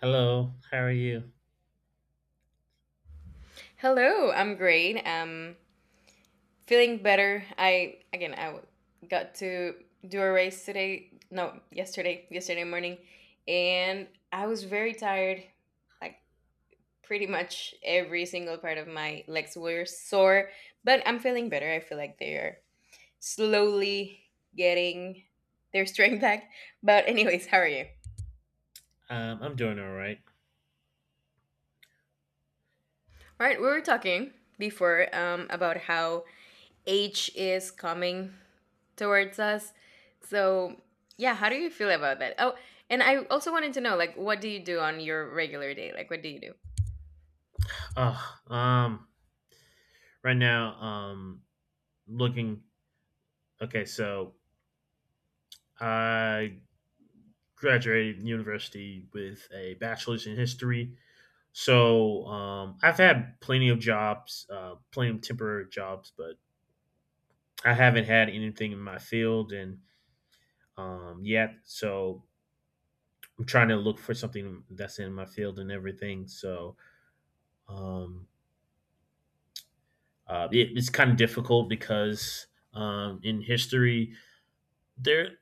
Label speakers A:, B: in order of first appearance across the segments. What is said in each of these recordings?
A: Hello, how are you?
B: Hello, I'm great. Feeling better. I again, got to do a race today. No, yesterday, yesterday morning, and I was very tired. Like pretty much every single part of my legs were sore, but I'm feeling better. I feel like they are slowly getting their strength back. But anyways, how are you?
A: I'm doing all right.
B: All right, we were talking before about how age is coming towards us. So, yeah, how do you feel about that? Oh, and I also wanted to know, like, what do you do on your regular day? Like, what do you do?
A: Oh, right now, looking. Okay, so I graduated university with a bachelor's in history. So I've had plenty of jobs, plenty of temporary jobs, but I haven't had anything in my field and yet. So I'm trying to look for something that's in my field and everything. So um, Uh, it, it's kind of difficult because in history, there, of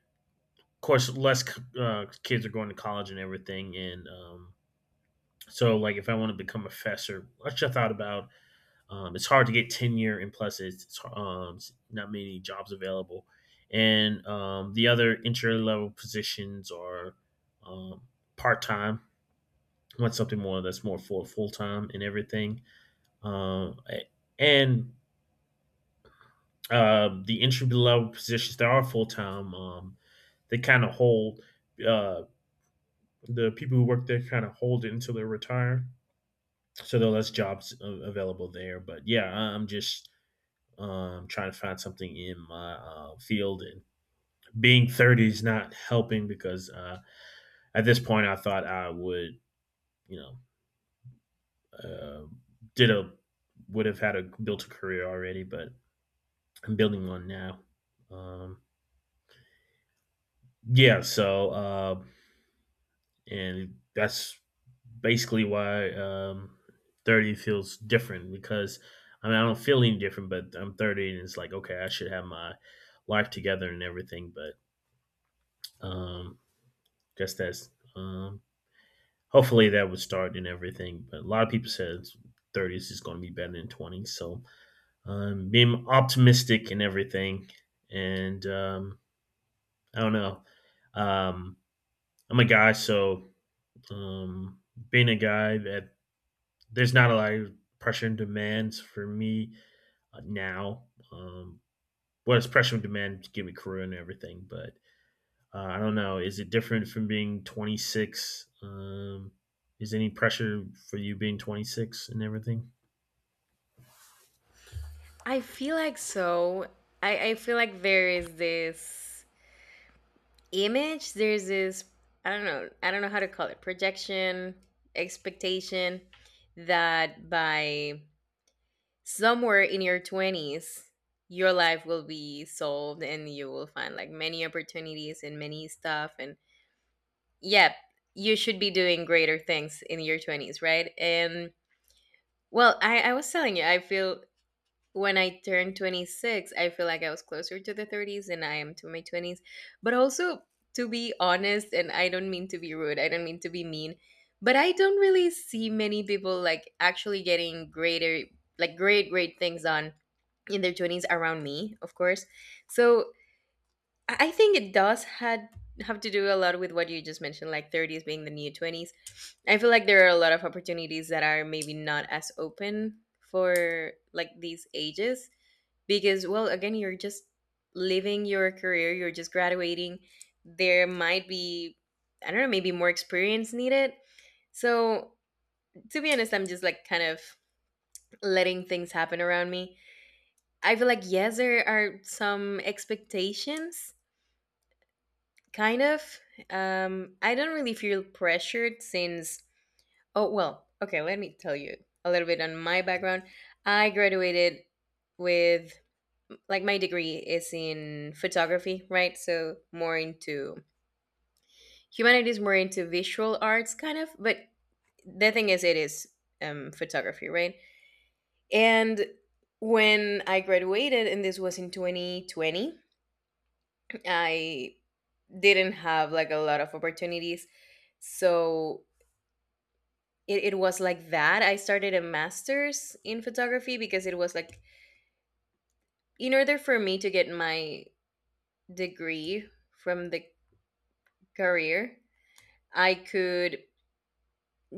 A: course, less kids are going to college and everything. And so, like, if I want to become a professor, which I thought about, it's hard to get tenure, and plus, it's not many jobs available. And the other entry level positions are um, part time. I want something more that's more for full time and everything. Um, and The entry level positions that are full time, they kind of hold uh, the people who work there kind of hold it until they retire. So there are less jobs available there. But yeah, I'm just trying to find something in my field, and being 30 is not helping because at this point I thought I would, you know, uh, did a would have had a built a career already, but I'm building one now. Um, yeah, so, and that's basically why 30 feels different. Because, I mean, I don't feel any different, but I'm 30, and it's like, okay, I should have my life together and everything, but um, guess that's um, hopefully that would start and everything. But a lot of people said 30s is going to be better than 20s, so being optimistic and everything, and I don't know. Um, I'm a guy, so um, being a guy at there's not a lot of pressure and demands for me now. Um, well, it's pressure and demand to give me career and everything, but I don't know. Is it different from being 26? Is any pressure for you being 26 and everything?
B: I feel like so. I feel like there is this image, there's this, I don't know how to call it, projection, expectation that by somewhere in your 20s your life will be solved and you will find like many opportunities and many stuff, and yeah, you should be doing greater things in your 20s, right? And I was telling you I feel when I turned 26 I feel like I was closer to the 30s than I am to my 20s. But also, to be honest, and I don't mean to be rude, I don't mean to be mean, but I don't really see many people like actually getting greater, like great things on in their 20s around me, of course. So I think it does had have to do a lot with what you just mentioned, like 30s being the new 20s. I feel like there are a lot of opportunities that are maybe not as open for like these ages, because, well, again, you're just living your career, you're just graduating, there might be, I don't know, maybe more experience needed. So to be honest, I'm just like kind of letting things happen around me. I feel like yes, there are some expectations, kind of. I don't really feel pressured since. Oh well, okay. Let me tell you a little bit on my background. I graduated with like my degree is in photography, right? So more into humanities, more into visual arts, kind of. But the thing is, it is photography, right? And when I graduated, and this was in 2020, I didn't have like a lot of opportunities. So it was like that. I started a master's in photography because it was like, in order for me to get my degree from the career, I could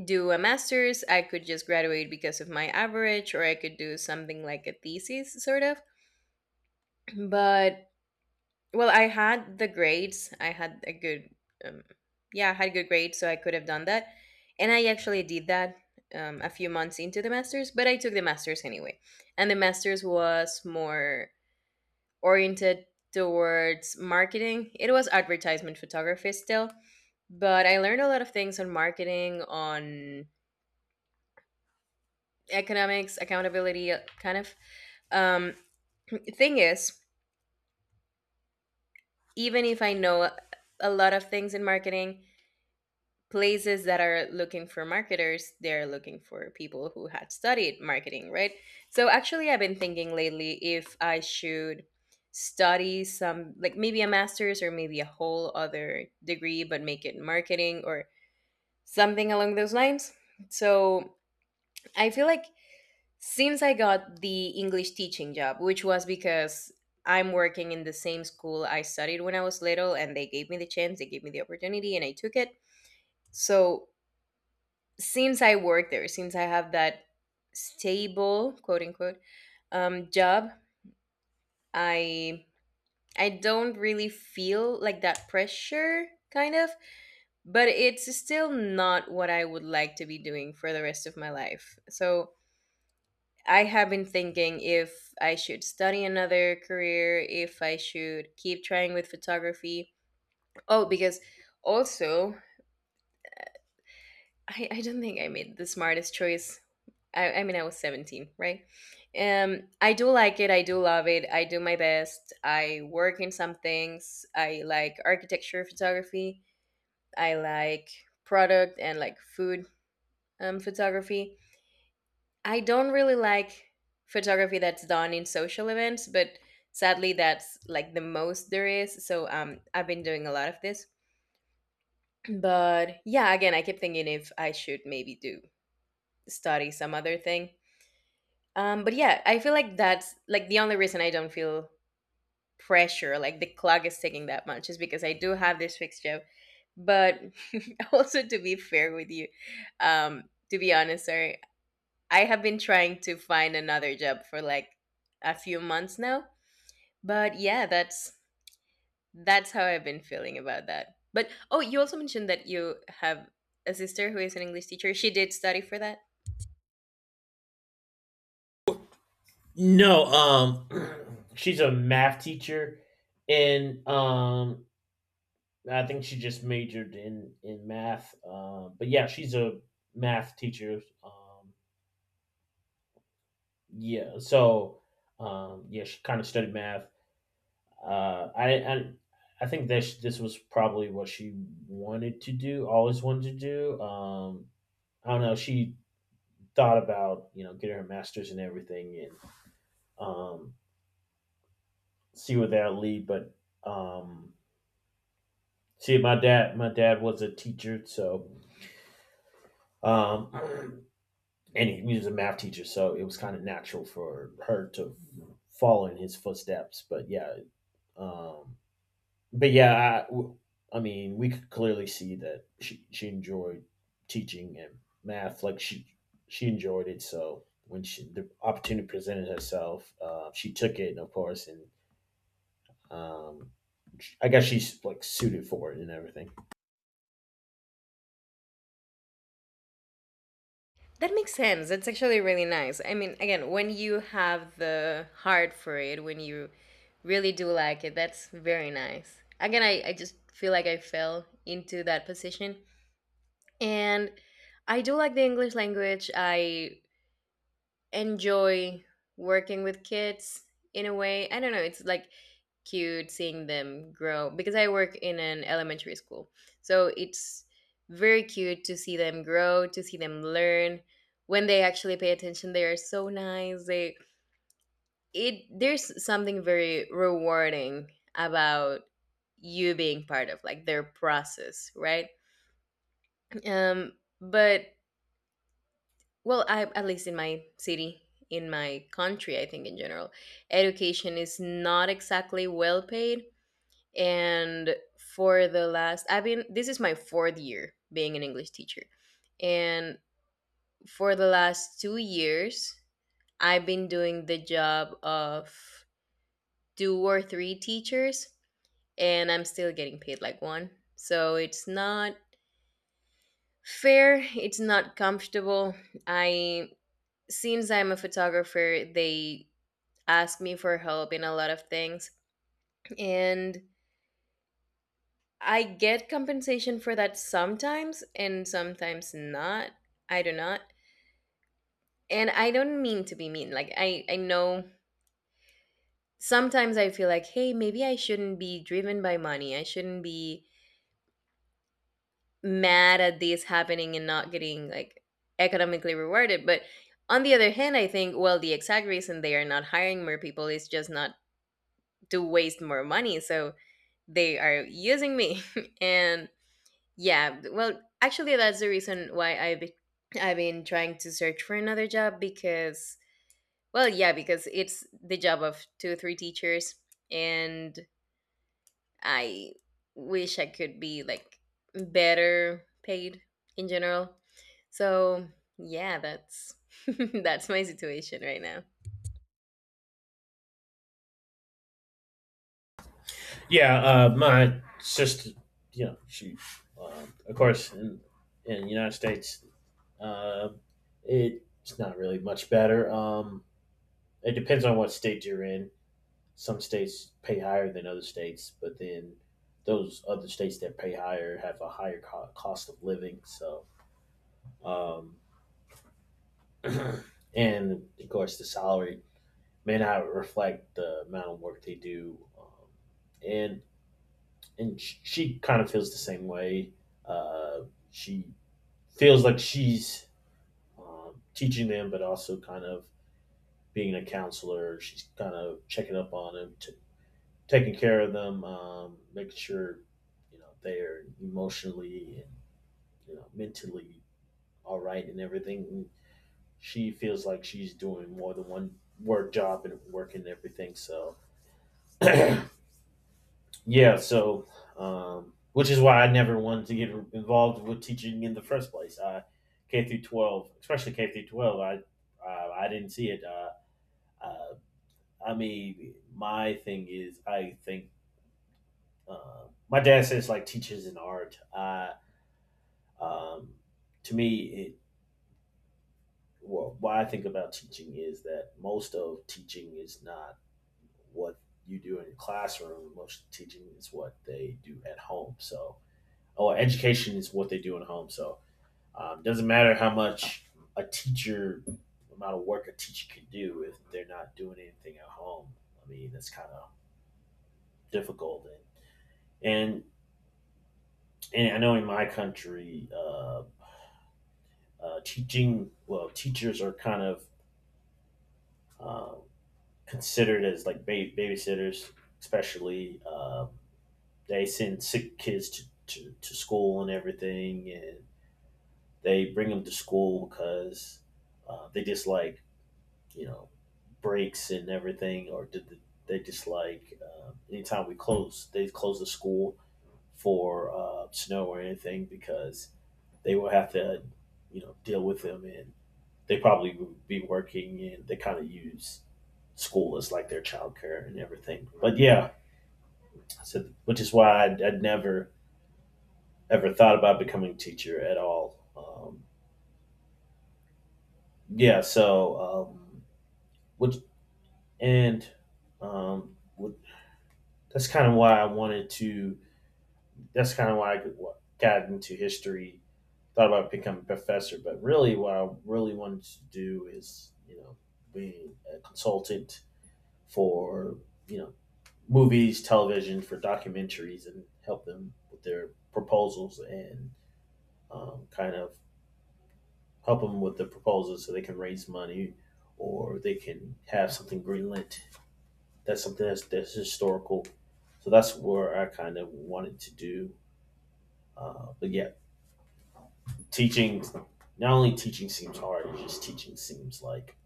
B: do a master's, I could just graduate because of my average, or I could do something like a thesis, sort of. But well, I had the grades. I had a good, um, yeah, I had good grades, so I could have done that. And I actually did that a few months into the master's, but I took the master's anyway. And the master's was more oriented towards marketing. It was advertisement photography still, but I learned a lot of things on marketing, on economics, accountability, kind of. Um, thing is, even if I know a lot of things in marketing, places that are looking for marketers, they're looking for people who had studied marketing, right? So actually, I've been thinking lately if I should study some, like maybe a master's or maybe a whole other degree, but make it marketing or something along those lines. So I feel like since I got the English teaching job, which was because I'm working in the same school I studied when I was little, and they gave me the chance, they gave me the opportunity, and I took it. So since I work there, since I have that stable quote unquote job, I I don't really feel like that pressure kind of, but it's still not what I would like to be doing for the rest of my life. So I have been thinking if I should study another career, if I should keep trying with photography. Oh, because also, I don't think I made the smartest choice. I mean, I was 17, right? I do like it. I do love it. I do my best. I work in some things. I like architecture photography. I like product and like food photography. I don't really like photography that's done in social events, but sadly, that's like the most there is. So I've been doing a lot of this. But yeah, again, I keep thinking if I should maybe do study some other thing. But yeah, I feel like that's like the only reason I don't feel pressure, like the clock is taking that much, is because I do have this fixed job. But also, to be fair with you, um, to be honest, sorry, I have been trying to find another job for like a few months now. But yeah, that's how I've been feeling about that. But oh, you also mentioned that you have a sister who is an English teacher. She did study for that.
A: No. She's a math teacher, and I think she just majored in math. But yeah, she's a math teacher. Yeah, so yeah, she kind of studied math. I and I think that this was probably what she wanted to do, always wanted to do. I don't know. She thought about getting her master's and everything, and um, see where that lead. But um, see, my dad was a teacher, so um, and he was a math teacher, so it was kind of natural for her to follow in his footsteps. But yeah, um, but yeah, I I mean, we could clearly see that she enjoyed teaching and math. Like she enjoyed it. So the opportunity presented herself, she took it, of course, and um, I guess she's like suited for it and everything.
B: That makes sense. That's actually really nice. I mean, again, when you have the heart for it, when you really do like it, that's very nice. Again, I just feel like I fell into that position. And I do like the English language. I enjoy working with kids in a way. I don't know, it's like cute seeing them grow because I work in an elementary school. So it's very cute to see them grow, to see them learn. When they actually pay attention, they are so nice. They it There's something very rewarding about you being part of like their process, right? Um but well, I, at least in my city, in my country, I think in general, education is not exactly well paid. And for the last, I've been, this is my fourth year being an English teacher. And for the last 2 years, I've been doing the job of two or three teachers, and I'm still getting paid like one. So it's not fair, it's not comfortable. I, since I'm a photographer, they ask me for help in a lot of things. And I get compensation for that sometimes and sometimes not. I do not. And I don't mean to be mean. Like I know sometimes I feel like, "Hey, maybe I shouldn't be driven by money. I shouldn't be mad at this happening and not getting like economically rewarded." But on the other hand, I think, well, the exact reason they are not hiring more people is just not to waste more money. So they are using me and yeah, well, actually, that's the reason why I've been trying to search for another job because, well, yeah, because it's the job of two or three teachers, and I wish I could be like better paid in general. So yeah, that's that's my situation right now.
A: Yeah, my sister, you know, she, of course, in the United States, uh, it's not really much better. It depends on what state you're in. Some states pay higher than other states, but then those other states that pay higher have a higher cost of living. So, um, and of course, the salary may not reflect the amount of work they do. And and she kind of feels the same way. Uh, she feels like she's teaching them, but also kind of being a counselor. She's kind of checking up on them, to taking care of them, making sure they are emotionally and mentally all right and everything. And she feels like she's doing more than one work job and work and everything. So yeah, which is why I never wanted to get involved with teaching in the first place. I K through 12, especially K through 12, I didn't see it. Uh, I mean, my thing is, I think my dad says like teachers in art. I Um, to me, it well, what I think about teaching is that most of teaching is not what you do in your classroom. Most teaching is what they do at home. So, or education is what they do at home. So, doesn't matter how much a teacher amount of work a teacher can do if they're not doing anything at home. I mean, that's kind of difficult. And, and and I know in my country, teaching well, teachers are kind of uh, considered as like babysitters, especially. They send sick kids to school and everything, and they bring them to school because they dislike, you know, breaks and everything, or they dislike anytime we close, they close the school for snow or anything because they will have to, deal with them, and they probably would be working and they kind of use school as like their childcare and everything. But yeah, so which is why I'd never ever thought about becoming a teacher at all. Yeah, which and um, with, that's kind of why I wanted to. That's kind of why I got into history. Thought about becoming a professor, but really, what I really wanted to do is being a consultant for you know movies, television for documentaries, and help them with their proposals and kind of help them with the proposals so they can raise money or they can have something greenlit. That's something that's historical. So that's where I kind of wanted to do. But yeah, teaching, not only teaching seems hard, it's just teaching seems like,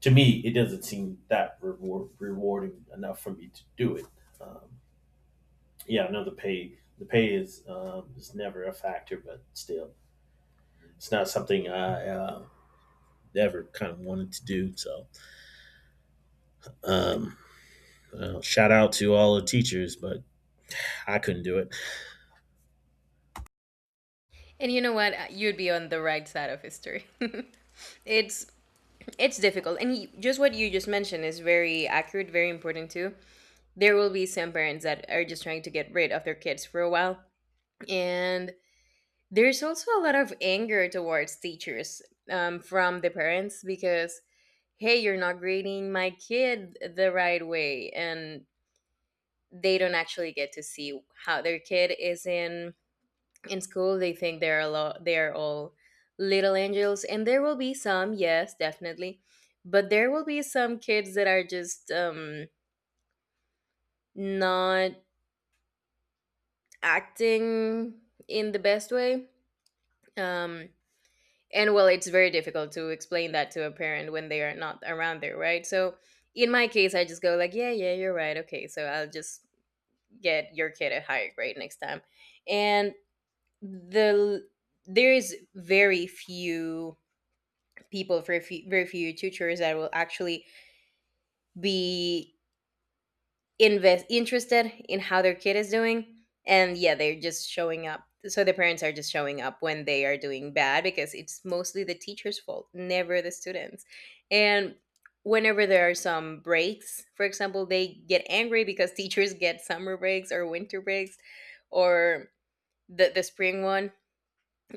A: to me, it doesn't seem that rewarding enough for me to do it. Yeah, no, the pay is never a factor, but still, it's not something I ever kind of wanted to do. So, shout out to all the teachers, but I couldn't do it.
B: And you know what? You'd be on the right side of history. it's it's difficult, and just what you just mentioned is very accurate, very important too. There will be some parents that are just trying to get rid of their kids for a while. And there's also a lot of anger towards teachers from the parents because, hey, you're not grading my kid the right way. And they don't actually get to see how their kid is in school. They think they're a lot, they are all little angels. And there will be some, yes, definitely. But there will be some kids that are just not acting in the best way. Um, and well, it's very difficult to explain that to a parent when they are not around there, right? So in my case, I just go like, yeah, yeah, you're right. Okay, so I'll just get your kid a higher grade next time. And the there is very few people, very few tutors that will actually be invest interested in how their kid is doing. And yeah, they're just showing up, so the parents are just showing up when they are doing bad, because it's mostly the teacher's fault, never the students. And whenever there are some breaks, for example, they get angry because teachers get summer breaks or winter breaks, or the spring one,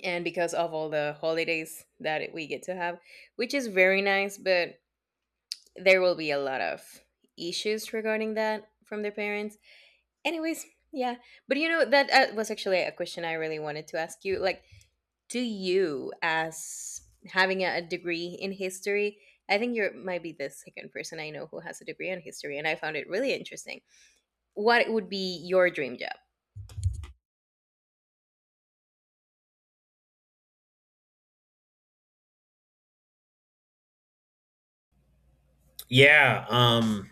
B: and because of all the holidays that we get to have, which is very nice, but there will be a lot of issues regarding that from their parents. Anyways, yeah. But you know, that was actually a question I really wanted to ask you. Like, do you, as having a degree in history, I think you might be the second person I know who has a degree in history, and I found it really interesting. What would be your dream job?
A: Yeah, um,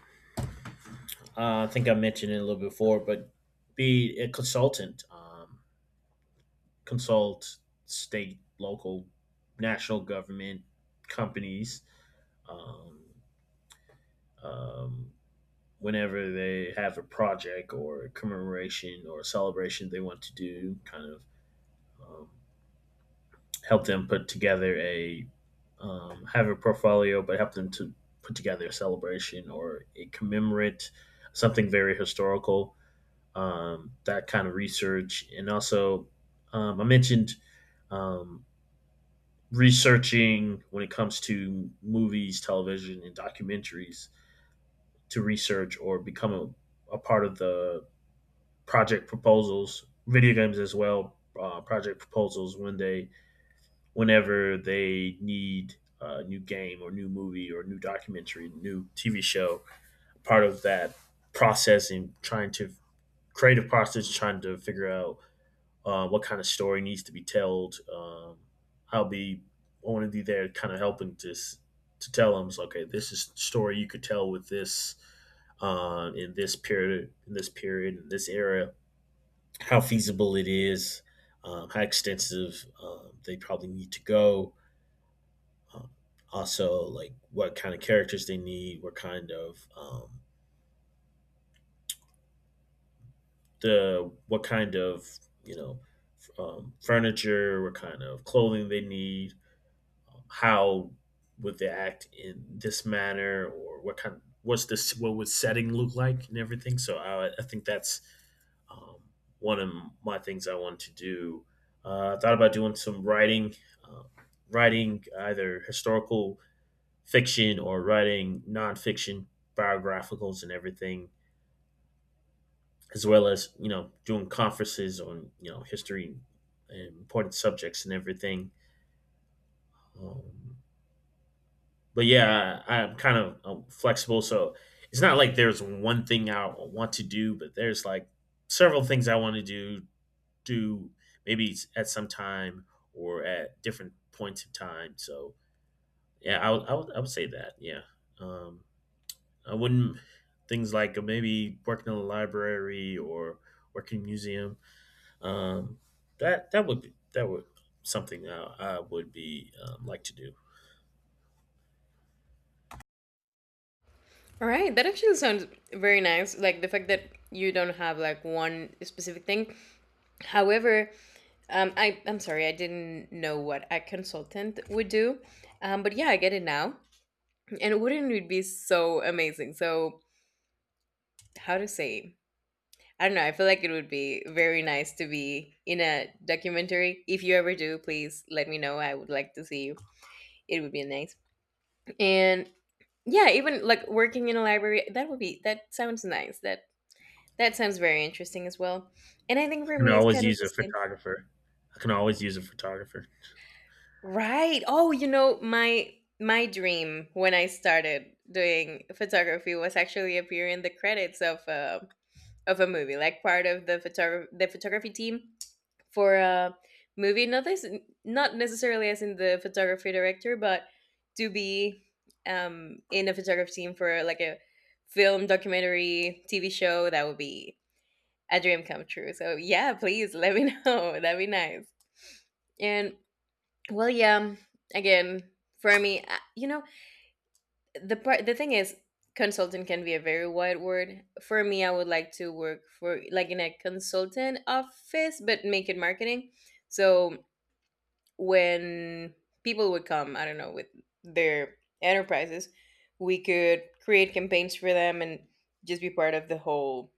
A: uh, I think I mentioned it a little before, but be a consultant, consult state, local, national government companies. Um, um, Whenever they have a project or a commemoration or a celebration they want to do, kind of um, help them put together a have a portfolio, but help them to put together a celebration or a commemorate something very historical. That kind of research, and also I mentioned um, researching when it comes to movies, television, and documentaries to research or become a part of the project proposals, video games as well, project proposals whenever they need a new game or new movie or new documentary, new TV show. Part of that process and trying to creative process, trying to figure out what kind of story needs to be told. I'll be I want to be there, kind of helping to tell them, so, okay, this is the story you could tell with this in this period, in this period, in this era, how feasible it is, how extensive they probably need to go. um, Also, like, what kind of characters they need, what kind of you know furniture, what kind of clothing they need, how would they act in this manner, or what kind what's this what would setting look like and everything. So I think that's um, one of my things I want to do. I thought about doing some writing, uh, writing either historical fiction or writing nonfiction biographicals and everything, as well as doing conferences on history and important subjects and everything. Um, but yeah, I'm kind of flexible, so it's not like there's one thing I want to do, but there's like several things I want to do. Maybe it's at some time or at different points of time. So yeah, I would say that, yeah. Um, I wouldn't Things like maybe working in a library or working in a museum. Um, that that would be, that would something I would be like to do.
B: All right, that actually sounds very nice. Like the fact that you don't have like one specific thing. However, I'm sorry, I didn't know what a consultant would do, but yeah, I get it now. And wouldn't it be so amazing? So how to say, I don't know. I feel like it would be very nice to be in a documentary. If you ever do, please let me know. I would like to see you. It would be nice. And yeah, even like working in a library, that would be that sounds nice. That sounds very interesting as well. And I think
A: I
B: for
A: can
B: me it's
A: always
B: kind of
A: use a
B: the same.
A: photographer. I can always use a photographer.
B: Right. Oh, you know, my dream when I started doing photography was actually appear in the credits of a movie, like part of the the photography team for a movie. Not this, not necessarily as in the photography director, but to be in a photography team for like a film, documentary, TV show. That would be a dream come true. So yeah, please let me know. That'd be nice. And well, yeah. Again, for me, the thing is consultant can be a very wide word. For me, I would like to work for, like, in a consultant office, but make it marketing. So when people would come, I don't know, with their enterprises, we could create campaigns for them and just be part of the whole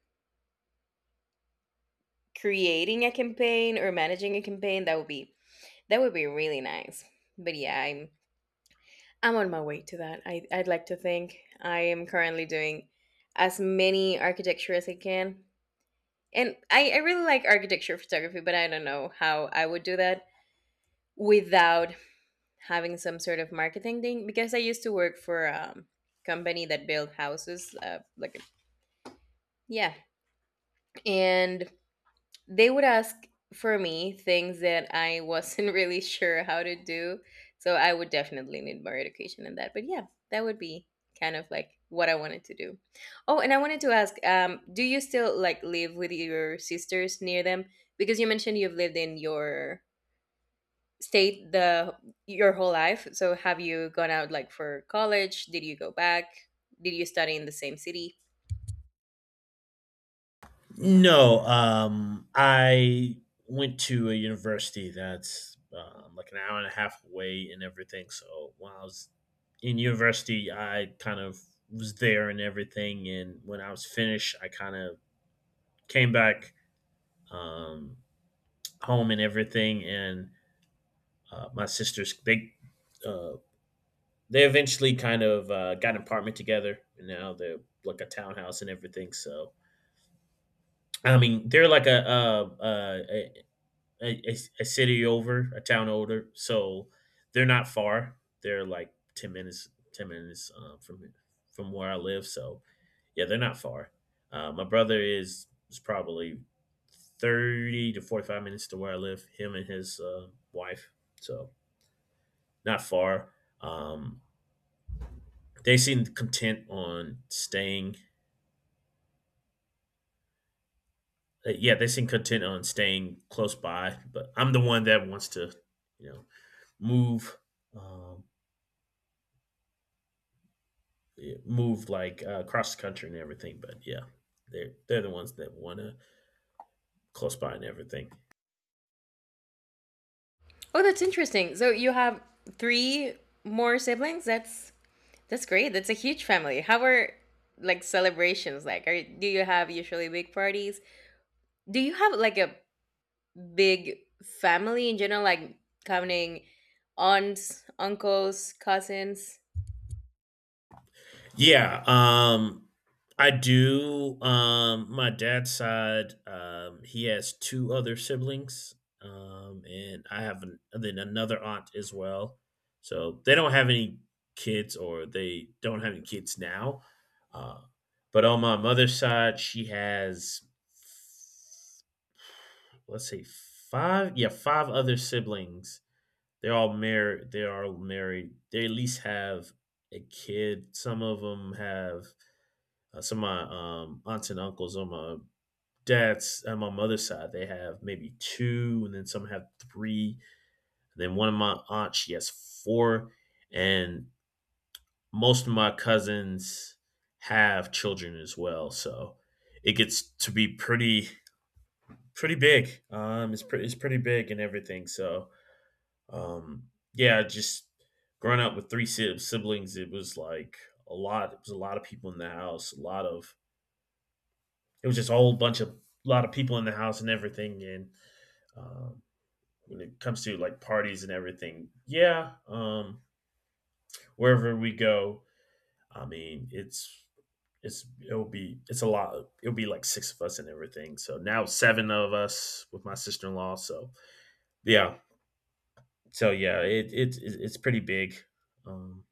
B: creating a campaign or managing a campaign. That would be that would be really nice. But yeah, I'm on my way to that. I'd like to think I am currently doing as many architecture as I can. And I really like architecture photography, but I don't know how I would do that without having some sort of marketing thing, because I used to work for a company that built houses. Like, yeah. And they would ask for me things that I wasn't really sure how to do. So I would definitely need more education in that. But yeah, that would be kind of like what I wanted to do. Oh, and I wanted to ask, do you still like live with your sisters, near them? Because you mentioned you've lived in your state the your whole life. So have you gone out like for college? Did you go back? Did you study in the same city?
A: No, I went to a university that's like an hour and a half away and everything. So when I was in university, I kind of was there and everything. And when I was finished, I kind of came back um, home and everything. And my sisters, uh, they eventually kind of got an apartment together, and now they're like a townhouse and everything. So I mean, they're like a, a, a, a city over, a town older, so they're not far. They're like 10 minutes, 10 minutes from where I live. So yeah, they're not far. My brother is probably 30 to 45 minutes to where I live. Him and his wife, so not far. Um, they seem content on staying. Yeah, they seem content on staying close by. But I'm the one that wants to, you know, move. Um, Moved like across the country and everything. But yeah, they're the ones that want to close by and everything.
B: Oh, that's interesting. So you have three more siblings? That's great. That's a huge family. How are like celebrations like? Are Do you have usually big parties? Do you have like a big family in general, like counting aunts, uncles, cousins?
A: Yeah, I do. My dad's side, he has two other siblings, and I have an, then another aunt as well. So they don't have any kids, or they don't have any kids now. Uh, but on my mother's side, she has let's say five, yeah, five other siblings. They're all married. They are married. They at least have a kid. Some of them have some of my aunts and uncles on my dad's on my mother's side. They have maybe two, and then some have three. Then one of my aunts she has four, and most of my cousins have children as well. So it gets to be pretty big. It's pretty big and everything. So Um, yeah, just growing up with three siblings, it was like a lot. It was a lot of people in the house. A lot of it was just a whole bunch of a lot of people in the house and everything. And um, when it comes to like parties and everything, yeah, wherever we go, I mean, it's a lot. It'll be like six of us and everything. So now it's seven of us with my sister in law. So yeah, so yeah, it's pretty big. Um,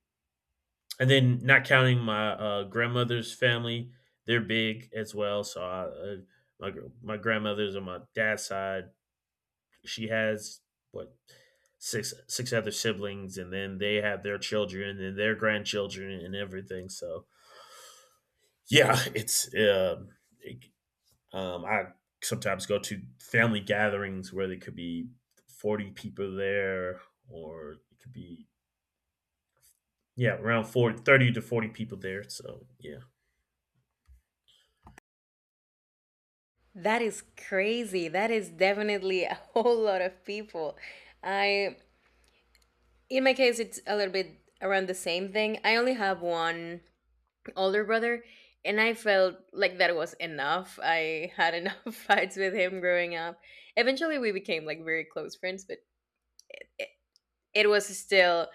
A: And then not counting my, grandmother's family, they're big as well, so my grandmother's on my dad's side, she has, what, 6 6 other siblings, and then they have their children and their grandchildren and everything, so yeah, it I sometimes go to family gatherings where there could be 40 people there, or it could be yeah, around 40 30 to 40 people there, so yeah.
B: That is crazy. That is definitely a whole lot of people. I, in my case it's a little bit around the same thing. I only have one older brother, and I felt like that was enough. I had enough fights with him growing up. Eventually we became like very close friends, but it, it was still,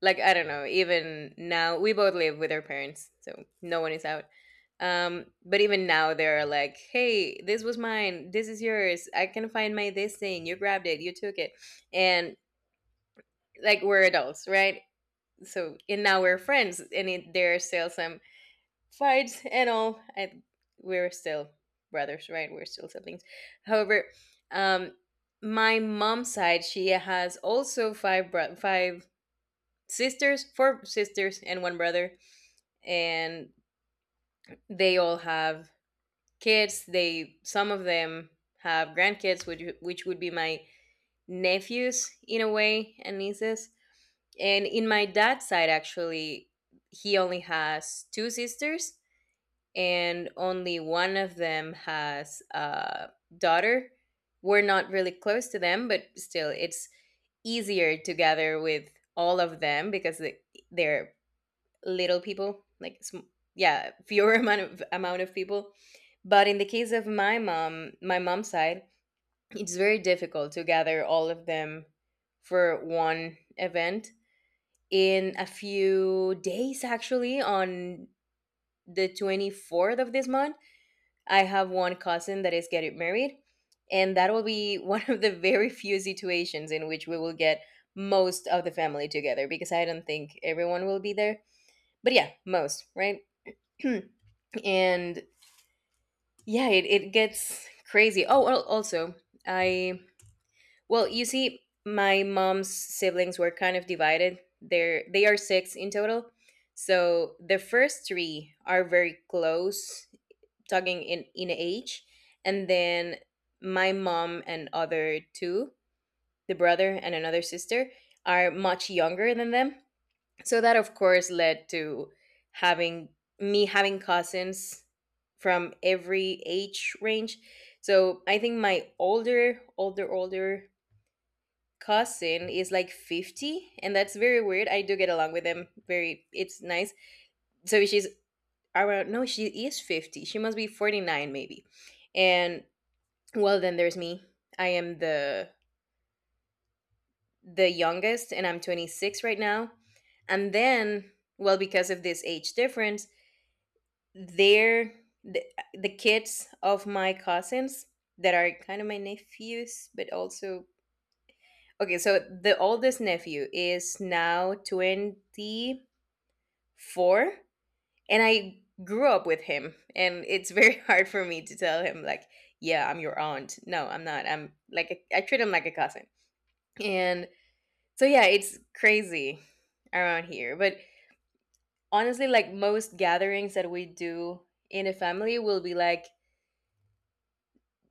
B: like, I don't know, even now we both live with our parents, so no one is out. But even now they're like, hey, this was mine, this is yours, I can find my this thing, you grabbed it, you took it. And like, we're adults, right? So, and now we're friends, and there are still some fights and all. We're still brothers, right? We're still siblings. However, um my mom's side, she has also five sisters, four sisters and one brother. And they all have kids. They, some of them have grandkids, which would be my nephews in a way and nieces. And in my dad's side actually, he only has two sisters, and only one of them has a daughter. We're not really close to them, but still, it's easier to gather with all of them because they're little people, like yeah, fewer amount of people. But in the case of my mom, my mom's side, it's very difficult to gather all of them for one event. In a few days, actually, on the 24th of this month, I have one cousin that is getting married, and that will be one of the very few situations in which we will get most of the family together, because I don't think everyone will be there. But yeah, most, right? And yeah, it gets crazy. Oh, also, I, well, you see, my mom's siblings were kind of divided. They are six in total. So the first three are very close, talking in age. And then my mom and other two, the brother and another sister, are much younger than them. So that of course led to having me having cousins from every age range. So I think my older cousin is like 50, and that's very weird. I do get along with them very, it's nice. So she's around, no, she is 50, she must be 49 maybe. And well, then there's me. I am the youngest, and I'm 26 right now. And then, well, because of this age difference, they're the, the kids of my cousins that are kind of my nephews, but also, okay, so the oldest nephew is now 24, and I grew up with him, and it's very hard for me to tell him like, yeah, I'm your aunt. No, I'm not. I'm like a, I treat him like a cousin. And so yeah, it's crazy around here. But honestly, like most gatherings that we do in a family will be like,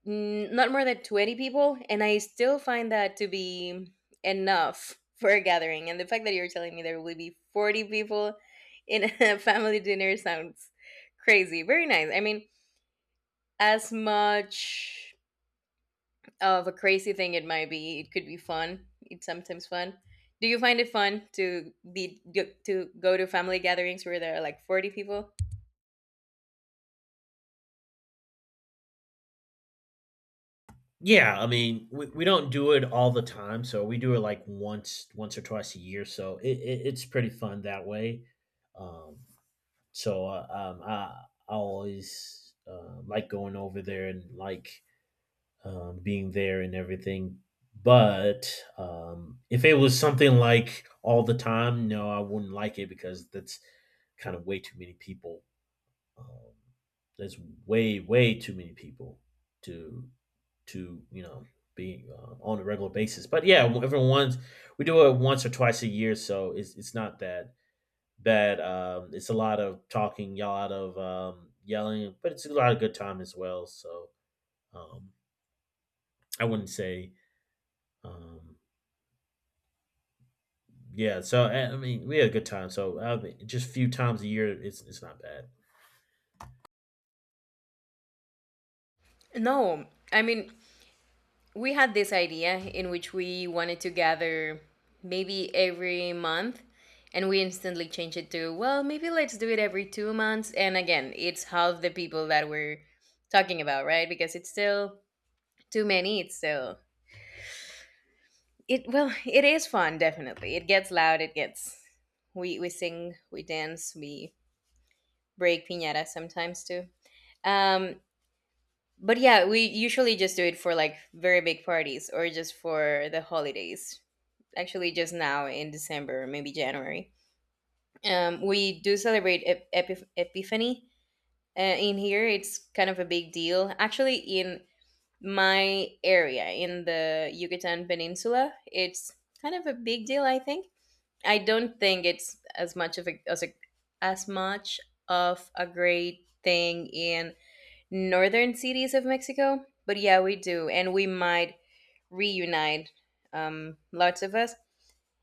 B: mm, not more than 20 people. And I still find that to be enough for a gathering. And the fact that you're telling me there will be 40 people in a family dinner sounds crazy. Very nice. I mean, as much of a crazy thing it might be, it could be fun. It's sometimes fun. Do you find it fun to be, to go to family gatherings where there are like 40 people?
A: Yeah, I mean, we don't do it all the time, so we do it like once once or twice a year. So it's pretty fun that way. Um, so uh, um, I I always like going over there and like being there and everything. But if it was something like all the time, no, I wouldn't like it because that's kind of way too many people um, there's way, way too many people to to you know be on a regular basis. But yeah, we do it once or twice a year, so it's not that bad. It's a lot of talking, a lot of yelling, but it's a lot of good time as well. So um, I wouldn't say um, yeah. So I mean, we had a good time. So I mean, just a few times a year, it's not bad.
B: No. I mean, we had this idea in which we wanted to gather maybe every month, and we instantly changed it to, well, maybe let's do it every 2 months. And again, it's half the people that we're talking about, right? Because it's still too many. It's still, it well, it is fun, definitely. It gets loud. It gets, we sing, we dance, we break piñata sometimes too. Um, but yeah, we usually just do it for like very big parties or just for the holidays. Actually, just now in December, maybe January. We do celebrate Epiphany in here. It's kind of a big deal. Actually, in my area in the Yucatan Peninsula, it's kind of a big deal. I think, I don't think it's as much of a a as much of a great thing in northern cities of Mexico, but yeah, we do, and we might reunite, lots of us.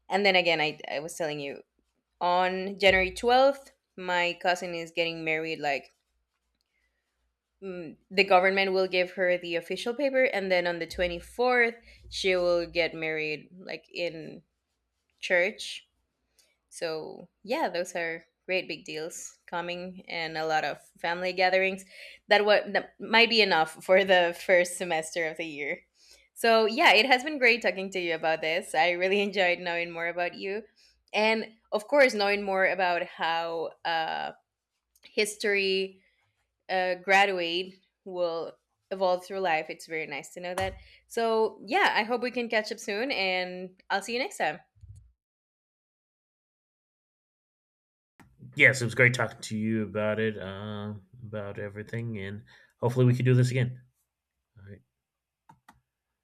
B: And then again, I was telling you on January 12th, my cousin is getting married. Like, mm, the government will give her the official paper, and then on the 24th, she will get married like in church. So yeah, those are great big deals coming, and a lot of family gatherings. That what that might be enough for the first semester of the year. So yeah, it has been great talking to you about this. I really enjoyed knowing more about you, and of course knowing more about how history graduate will evolve through life. It's very nice to know that. So yeah, I hope we can catch up soon, and I'll see you next time.
A: Yes, it was great talking to you about it, about everything, and hopefully we can do this again. All right.